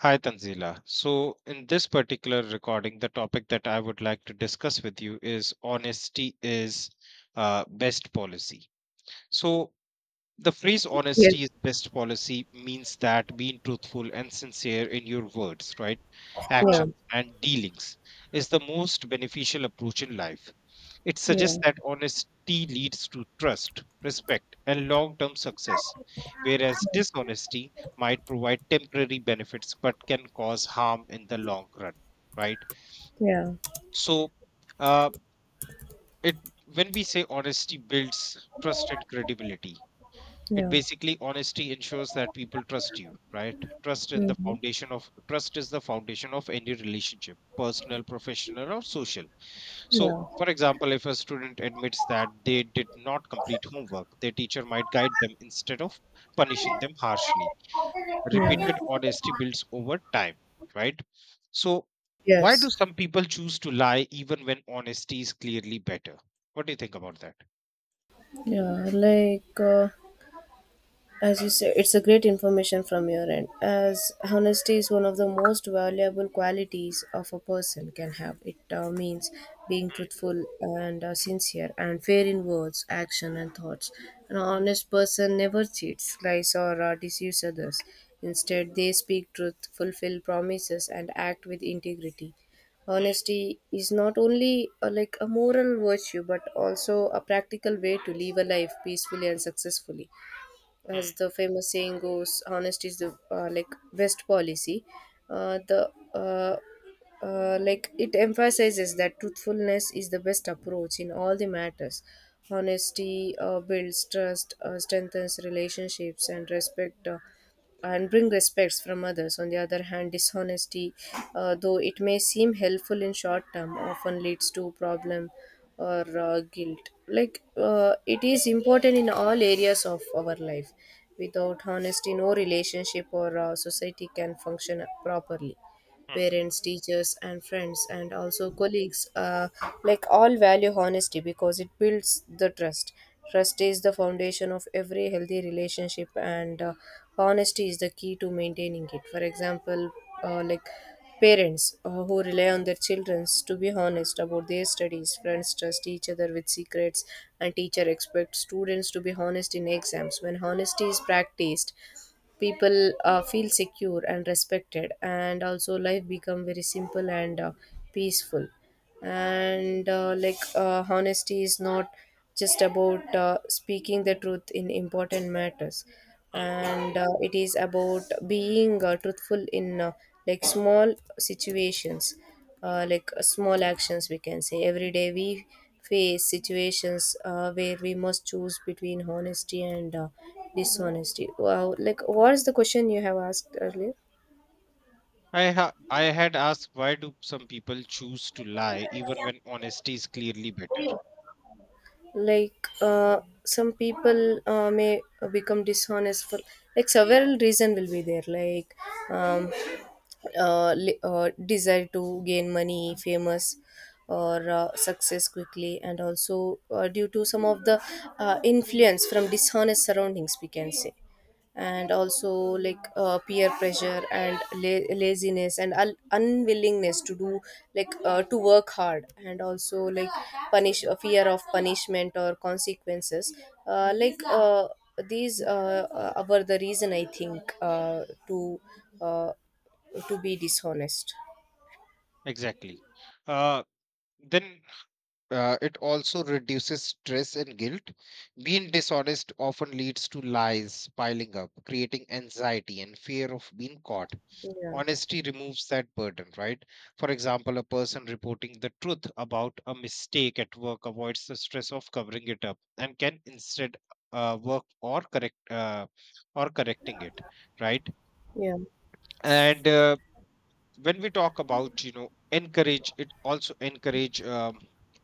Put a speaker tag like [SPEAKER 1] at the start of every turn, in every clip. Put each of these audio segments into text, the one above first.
[SPEAKER 1] Hi, Tanzila. So, in this particular recording, the topic that I would like to discuss with you is honesty is best policy. So, the phrase
[SPEAKER 2] Yes.
[SPEAKER 1] honesty is best policy means that being truthful and sincere in your words, right,
[SPEAKER 2] Yeah.
[SPEAKER 1] actions, and dealings is the most beneficial approach in life. It suggests
[SPEAKER 2] Yeah.
[SPEAKER 1] that honesty leads to trust, respect, and long term success, whereas dishonesty might provide temporary benefits but can cause harm in the long run, right?
[SPEAKER 2] Yeah.
[SPEAKER 1] So, uh, it when we say honesty builds trust and credibility, it
[SPEAKER 2] Yeah.
[SPEAKER 1] basically honesty ensures that people trust you, right? Trust in the
[SPEAKER 2] Hmm.
[SPEAKER 1] foundation of trust is the foundation of any relationship, personal, professional, or social. So,
[SPEAKER 2] Yeah.
[SPEAKER 1] for example, if a student admits that they did not complete homework, their teacher might guide them instead of punishing them harshly.
[SPEAKER 2] Yeah.
[SPEAKER 1] Repeated honesty builds over time, right? So, why
[SPEAKER 2] Yes.
[SPEAKER 1] do some people choose to lie even when honesty is clearly better? What do you think about that?
[SPEAKER 2] Yeah. Like, as you say, it's a great information from your end. As honesty is one of the most valuable qualities of a person can have. It means being truthful and sincere and fair in words, action, and thoughts. An honest person never cheats, lies, or deceives others. Instead, they speak truth, fulfill promises, and act with integrity. Honesty is not only like a moral virtue but also a practical way to live a life peacefully and successfully,
[SPEAKER 1] Hmm,
[SPEAKER 2] as the famous saying goes, honesty is the like best policy. The Like it emphasizes that truthfulness is the best approach in all the matters. Honesty builds trust, strengthens relationships and respect, and bring respects from others. On the other hand, dishonesty, though it may seem helpful in short term, often leads to problem or guilt. Like, it is important in all areas of our life. Without honesty, no relationship or society can function properly.
[SPEAKER 1] hmm,
[SPEAKER 2] Parents, teachers, and friends, and also colleagues, like all value honesty because it builds the trust. Trust is the foundation of every healthy relationship, and honesty is the key to maintaining it. For example, like parents who rely on their children to be honest about their studies, friends trust each other with secrets, and teacher expect students to be honest in exams. When honesty is practiced, people feel secure and respected, and also life become very simple and peaceful. And like honesty is not just about speaking the truth in important matters,
[SPEAKER 1] hmm.
[SPEAKER 2] and it is about being truthful in like small situations, like small actions, we can say. Every day we face situations where we must choose between honesty and dishonesty. Wow, like, what is the question you have asked earlier?
[SPEAKER 1] I had asked, why do some people choose to lie even when honesty is clearly better?
[SPEAKER 2] Like, some people may become dishonest for, like, several reason will be there. Like, um, desire to gain money, famous, or success quickly, and also due to some of the influence from dishonest surroundings, we can say, and also, like, peer pressure, and laziness, and unwillingness to do, like, to work hard, and also, like, punish fear of punishment or consequences, uh, like. Uh, these were the reason, I think, uh, to be dishonest.
[SPEAKER 1] Exactly. Uh, then It also reduces stress and guilt. Being dishonest often leads to lies piling up, creating anxiety and fear of being caught.
[SPEAKER 2] Yeah,
[SPEAKER 1] Honesty removes that burden, right? For example, a person reporting the truth about a mistake at work avoids the stress of covering it up and can instead work or correct or correcting it, right?
[SPEAKER 2] yeah,
[SPEAKER 1] And when we talk about, you know, encourage, it also encourage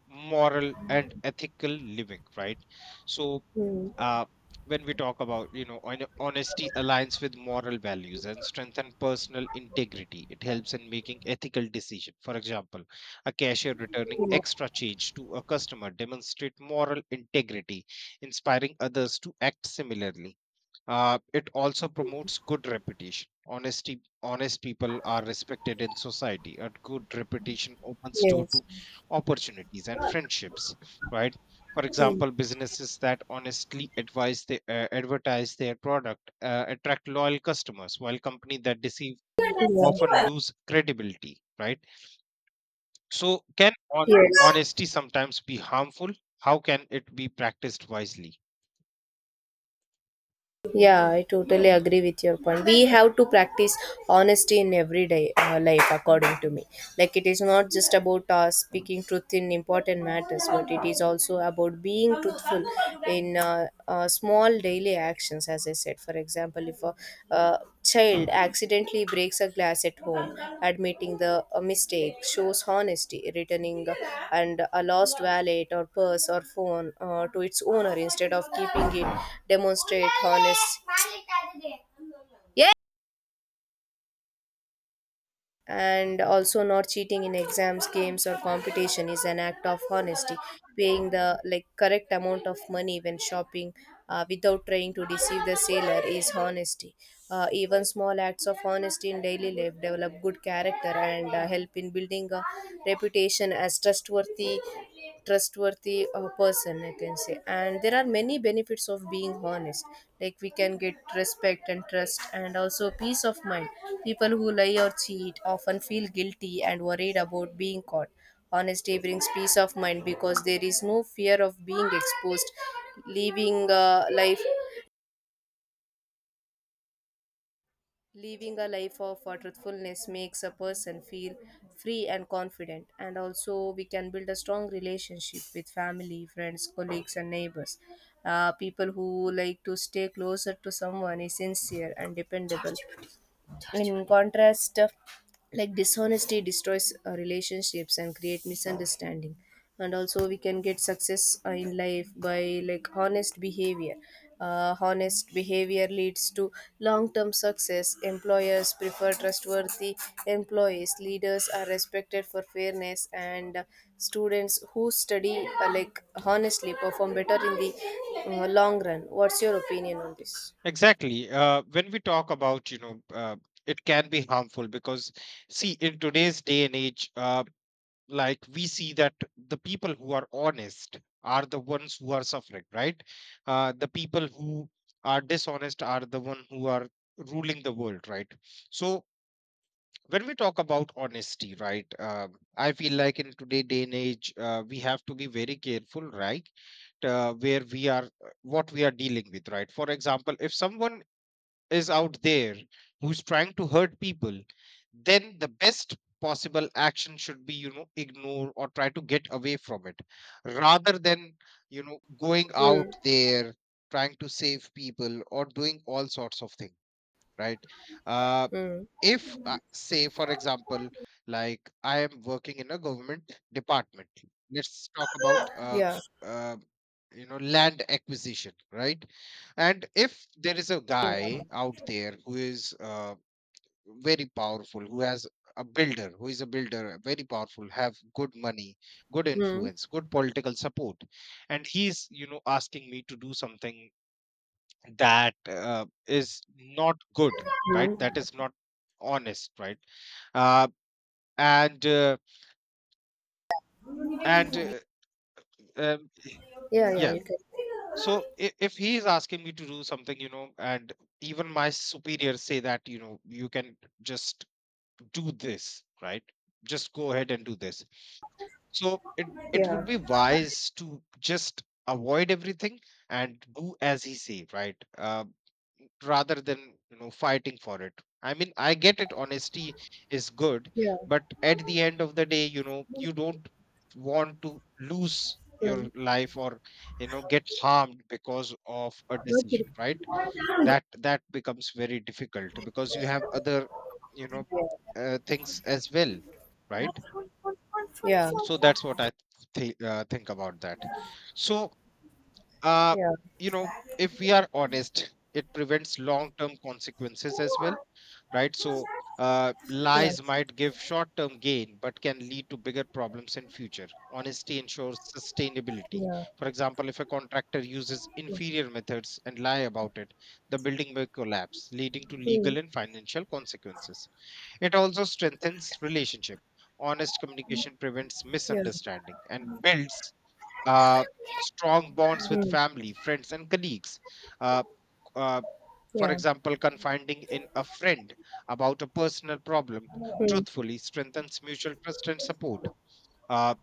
[SPEAKER 1] moral and ethical living, right? So,
[SPEAKER 2] mm,
[SPEAKER 1] uh, when we talk about, you know, honesty aligns with moral values and strengthen personal integrity. It helps in making ethical decision. For example, a cashier returning extra change to a customer demonstrate moral integrity, inspiring others to act similarly. It also promotes good reputation. Honest people are respected in society. A good reputation opens door
[SPEAKER 2] yes,
[SPEAKER 1] to opportunities and friendships, right? For
[SPEAKER 2] mm,
[SPEAKER 1] example, businesses that honestly advise the, advertise their product attract loyal customers, while companies that deceive
[SPEAKER 2] yeah,
[SPEAKER 1] often lose credibility, right? So,
[SPEAKER 2] yes,
[SPEAKER 1] honesty sometimes be harmful? How can it be practiced wisely?
[SPEAKER 2] yeah. I totally agree with your point. We have to practice honesty in everyday life, according to me. Like, it is not just about speaking truth in important matters, but it is also about being truthful in small daily actions. As I said, for example, if a child accidentally breaks a glass at home, admitting the a mistake shows honesty. Returning and a lost wallet or purse or phone to its owner instead of keeping it demonstrate honest. Yeah. And also not cheating in exams, games, or competition is an act of honesty. Paying the, like, correct amount of money when shopping, without trying to deceive the seller is honesty. Even small acts of honesty in daily life develop good character and help in building a reputation as trustworthy person, I can say. And there are many benefits of being honest. Like, we can get respect and trust, and also peace of mind. People who lie or cheat often feel guilty and worried about being caught. Honesty brings peace of mind because there is no fear of being exposed. Leaving life Living a life of truthfulness makes a person feel free and confident, and also we can build a strong relationship with family, friends, colleagues, and neighbors. People who like to stay closer to someone is sincere and dependable. In contrast, like dishonesty destroys relationships and create misunderstanding. And also we can get success in life by, like, honest behavior leads to long-term success. Employers prefer trustworthy employees. Leaders are respected for fairness, and students who study, like, honestly perform better in the long run. What's your opinion on this?
[SPEAKER 1] Exactly. When we talk about, you know, it can be harmful because, see, in today's day and age, like we see that the people who are honest are the ones who are suffering, right? The people who are dishonest are the one who are ruling the world, right? So when we talk about honesty, right, I feel like in today day and age, we have to be very careful, right? Where we are, what we are dealing with, right? For example, if someone is out there who's trying to hurt people, then the best possible action should be, you know, ignore or try to get away from it rather than, you know, going out
[SPEAKER 2] Hmm.
[SPEAKER 1] there trying to save people or doing all sorts of things, right? Uh,
[SPEAKER 2] Hmm.
[SPEAKER 1] if say for example, like I am working in a government department. Let's talk about
[SPEAKER 2] Yeah.
[SPEAKER 1] uh, you know, land acquisition, right? And if there is a guy out there who is very powerful, who has a builder, very powerful, have good money, good
[SPEAKER 2] Hmm.
[SPEAKER 1] influence, good political support, and he's, you know, asking me to do something that is not good, right? That is not honest, right? uh, and uh, and uh, um,
[SPEAKER 2] Yeah, yeah,
[SPEAKER 1] yeah.
[SPEAKER 2] you can.
[SPEAKER 1] So if he is asking me to do something, you know, and even my superiors say that, you know, you can just do this, right? Just go ahead and do this. So it would
[SPEAKER 2] Yeah,
[SPEAKER 1] be wise to just avoid everything and do as he say, right? Rather than, you know, fighting for it. I mean, I get it, honesty is good,
[SPEAKER 2] yeah.
[SPEAKER 1] but at the end of the day, you know, you don't want to lose your
[SPEAKER 2] Mm.
[SPEAKER 1] life or, you know, get harmed because of a
[SPEAKER 2] Okay.
[SPEAKER 1] decision, right? That becomes very difficult because you have other, you know,
[SPEAKER 2] Yeah,
[SPEAKER 1] things as well, right? So that's what I think about that. So uh
[SPEAKER 2] yeah,
[SPEAKER 1] you know, if we are honest, it prevents long term consequences as well, right? So
[SPEAKER 2] yeah,
[SPEAKER 1] lies might give short-term gain, but can lead to bigger problems in future. Honesty ensures sustainability.
[SPEAKER 2] yeah,
[SPEAKER 1] For example, if a contractor uses
[SPEAKER 2] yeah.
[SPEAKER 1] inferior methods and lie about it, the building may collapse, leading to
[SPEAKER 2] Mm.
[SPEAKER 1] legal and financial consequences. It also strengthens relationship. Honest communication prevents
[SPEAKER 2] Yeah.
[SPEAKER 1] misunderstanding and builds uh, strong bonds with
[SPEAKER 2] Mm.
[SPEAKER 1] family, friends, and colleagues. Uh, uh, for
[SPEAKER 2] Yeah.
[SPEAKER 1] example, confiding in a friend about a personal problem
[SPEAKER 2] Mm.
[SPEAKER 1] truthfully strengthens mutual trust and support. Uh,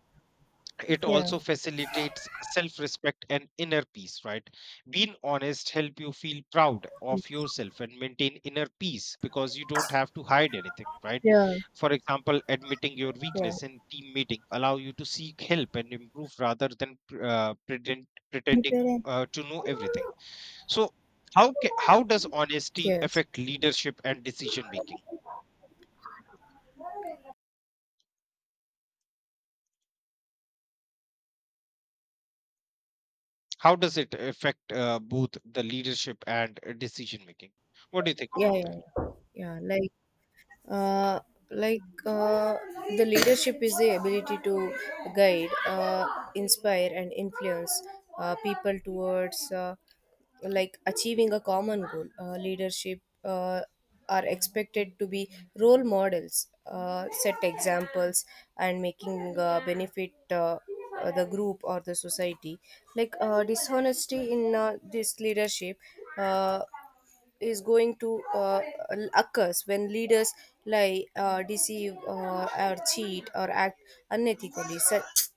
[SPEAKER 1] it
[SPEAKER 2] Yeah.
[SPEAKER 1] also facilitates self-respect and inner peace, right? Being honest help you feel proud of yourself and maintain inner peace because you don't have to hide anything, right?
[SPEAKER 2] Yeah.
[SPEAKER 1] For example, admitting your
[SPEAKER 2] Yeah.
[SPEAKER 1] weakness in team meeting allow you to seek help and improve rather than pretending to know everything. So how how does honesty
[SPEAKER 2] Yes.
[SPEAKER 1] affect leadership and decision making? How does it affect both the leadership and decision making? What do you think
[SPEAKER 2] Yeah, yeah,
[SPEAKER 1] about that?
[SPEAKER 2] yeah. Yeah, like, uh, like uh, the leadership is the ability to guide, inspire, and influence people towards, like, achieving a common goal. Leadership are expected to be role models, set examples, and making benefit the group or the society. Like, dishonesty in this leadership uh, is going to occurs when leaders lie, deceive, or cheat, or act unethically. Such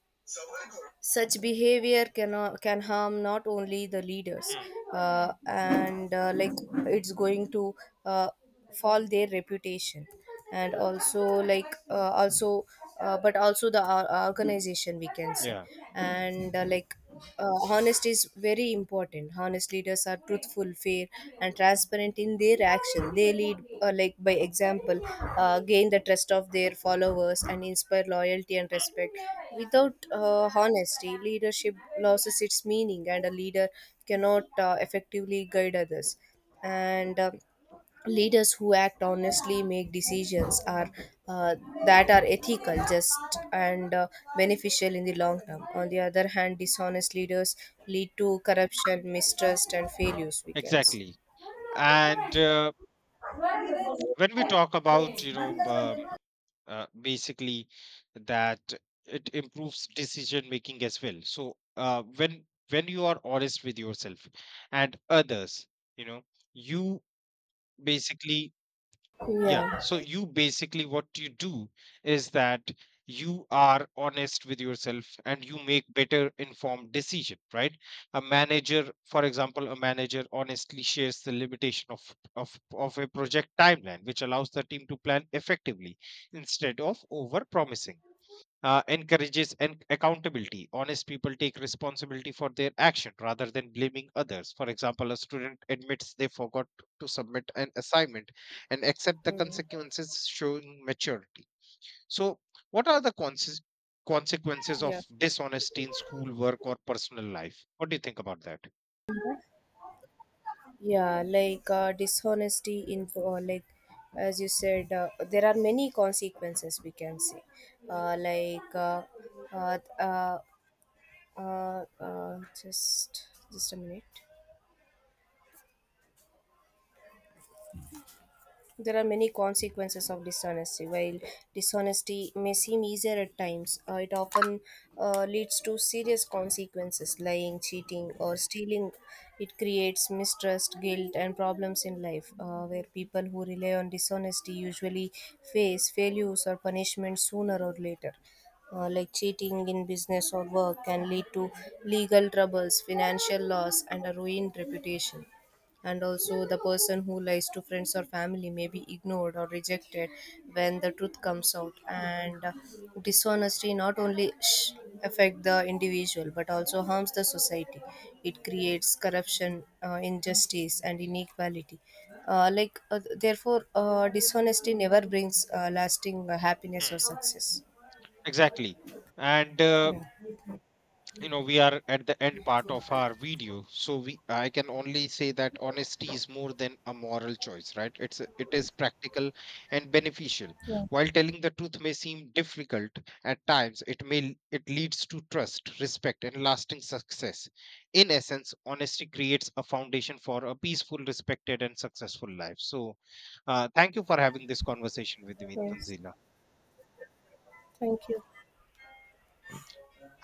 [SPEAKER 2] such behavior can harm not only the leaders,
[SPEAKER 1] Hmm.
[SPEAKER 2] and like it's going to uh, fall their reputation, and also, like, also. But also the organization, we can say.
[SPEAKER 1] Yeah,
[SPEAKER 2] And like honesty is very important. Honest leaders are truthful, fair, and transparent in their action. They lead, like, by example, gain the trust of their followers, and inspire loyalty and respect. Without honesty, leadership loses its meaning, and a leader cannot effectively guide others. And leaders who act honestly make decisions are uh, that are ethical, just, and beneficial in the long term. On the other hand, dishonest leaders lead to corruption, mistrust, and failures, we can say.
[SPEAKER 1] exactly. And when we talk about, you know, basically that it improves decision making as well. So when you are honest with yourself and others, you know, you basically. Yeah.
[SPEAKER 2] Yeah.
[SPEAKER 1] So you basically, what you do is that you are honest with yourself and you make better informed decision, right? A manager, for example, a manager honestly shares the limitation of a project timeline, which allows the team to plan effectively instead of over promising. Encourages an accountability. Honest people take responsibility for their action rather than blaming others. For example, a student admits they forgot to submit an assignment and accept the
[SPEAKER 2] Mm.
[SPEAKER 1] consequences, showing maturity. So, what are the consequences
[SPEAKER 2] Yeah.
[SPEAKER 1] of dishonesty in school work or personal life? What do you think about that?
[SPEAKER 2] Yeah, like, dishonesty in, like, as you said, there are many consequences, we can say. uh, like uh, uh, uh, just a minute. There are many consequences of dishonesty. While dishonesty may seem easier at times, it often leads to serious consequences. Lying, cheating, or stealing, it creates mistrust, guilt, and problems in life, where people who rely on dishonesty usually face failures or punishment sooner or later. Like, cheating in business or work can lead to legal troubles, financial loss, and a ruined reputation. And also the person who lies to friends or family may be ignored or rejected when the truth comes out. And dishonesty not only affect the individual but also harms the society. It creates corruption, injustice, and inequality. Therefore, dishonesty never brings lasting happiness or
[SPEAKER 1] Hmm.
[SPEAKER 2] success.
[SPEAKER 1] Exactly. And
[SPEAKER 2] Yeah.
[SPEAKER 1] you know, we are at the end part of our video, so we, I can only say that honesty is more than a moral choice, right? It is practical and beneficial. While telling the truth may seem difficult at times, it leads to trust, respect, and lasting success. In essence, honesty creates a foundation for a peaceful, respected, and successful life. So thank you for having this conversation with me,
[SPEAKER 2] Yes.
[SPEAKER 1] Tanzila.
[SPEAKER 2] Thank you.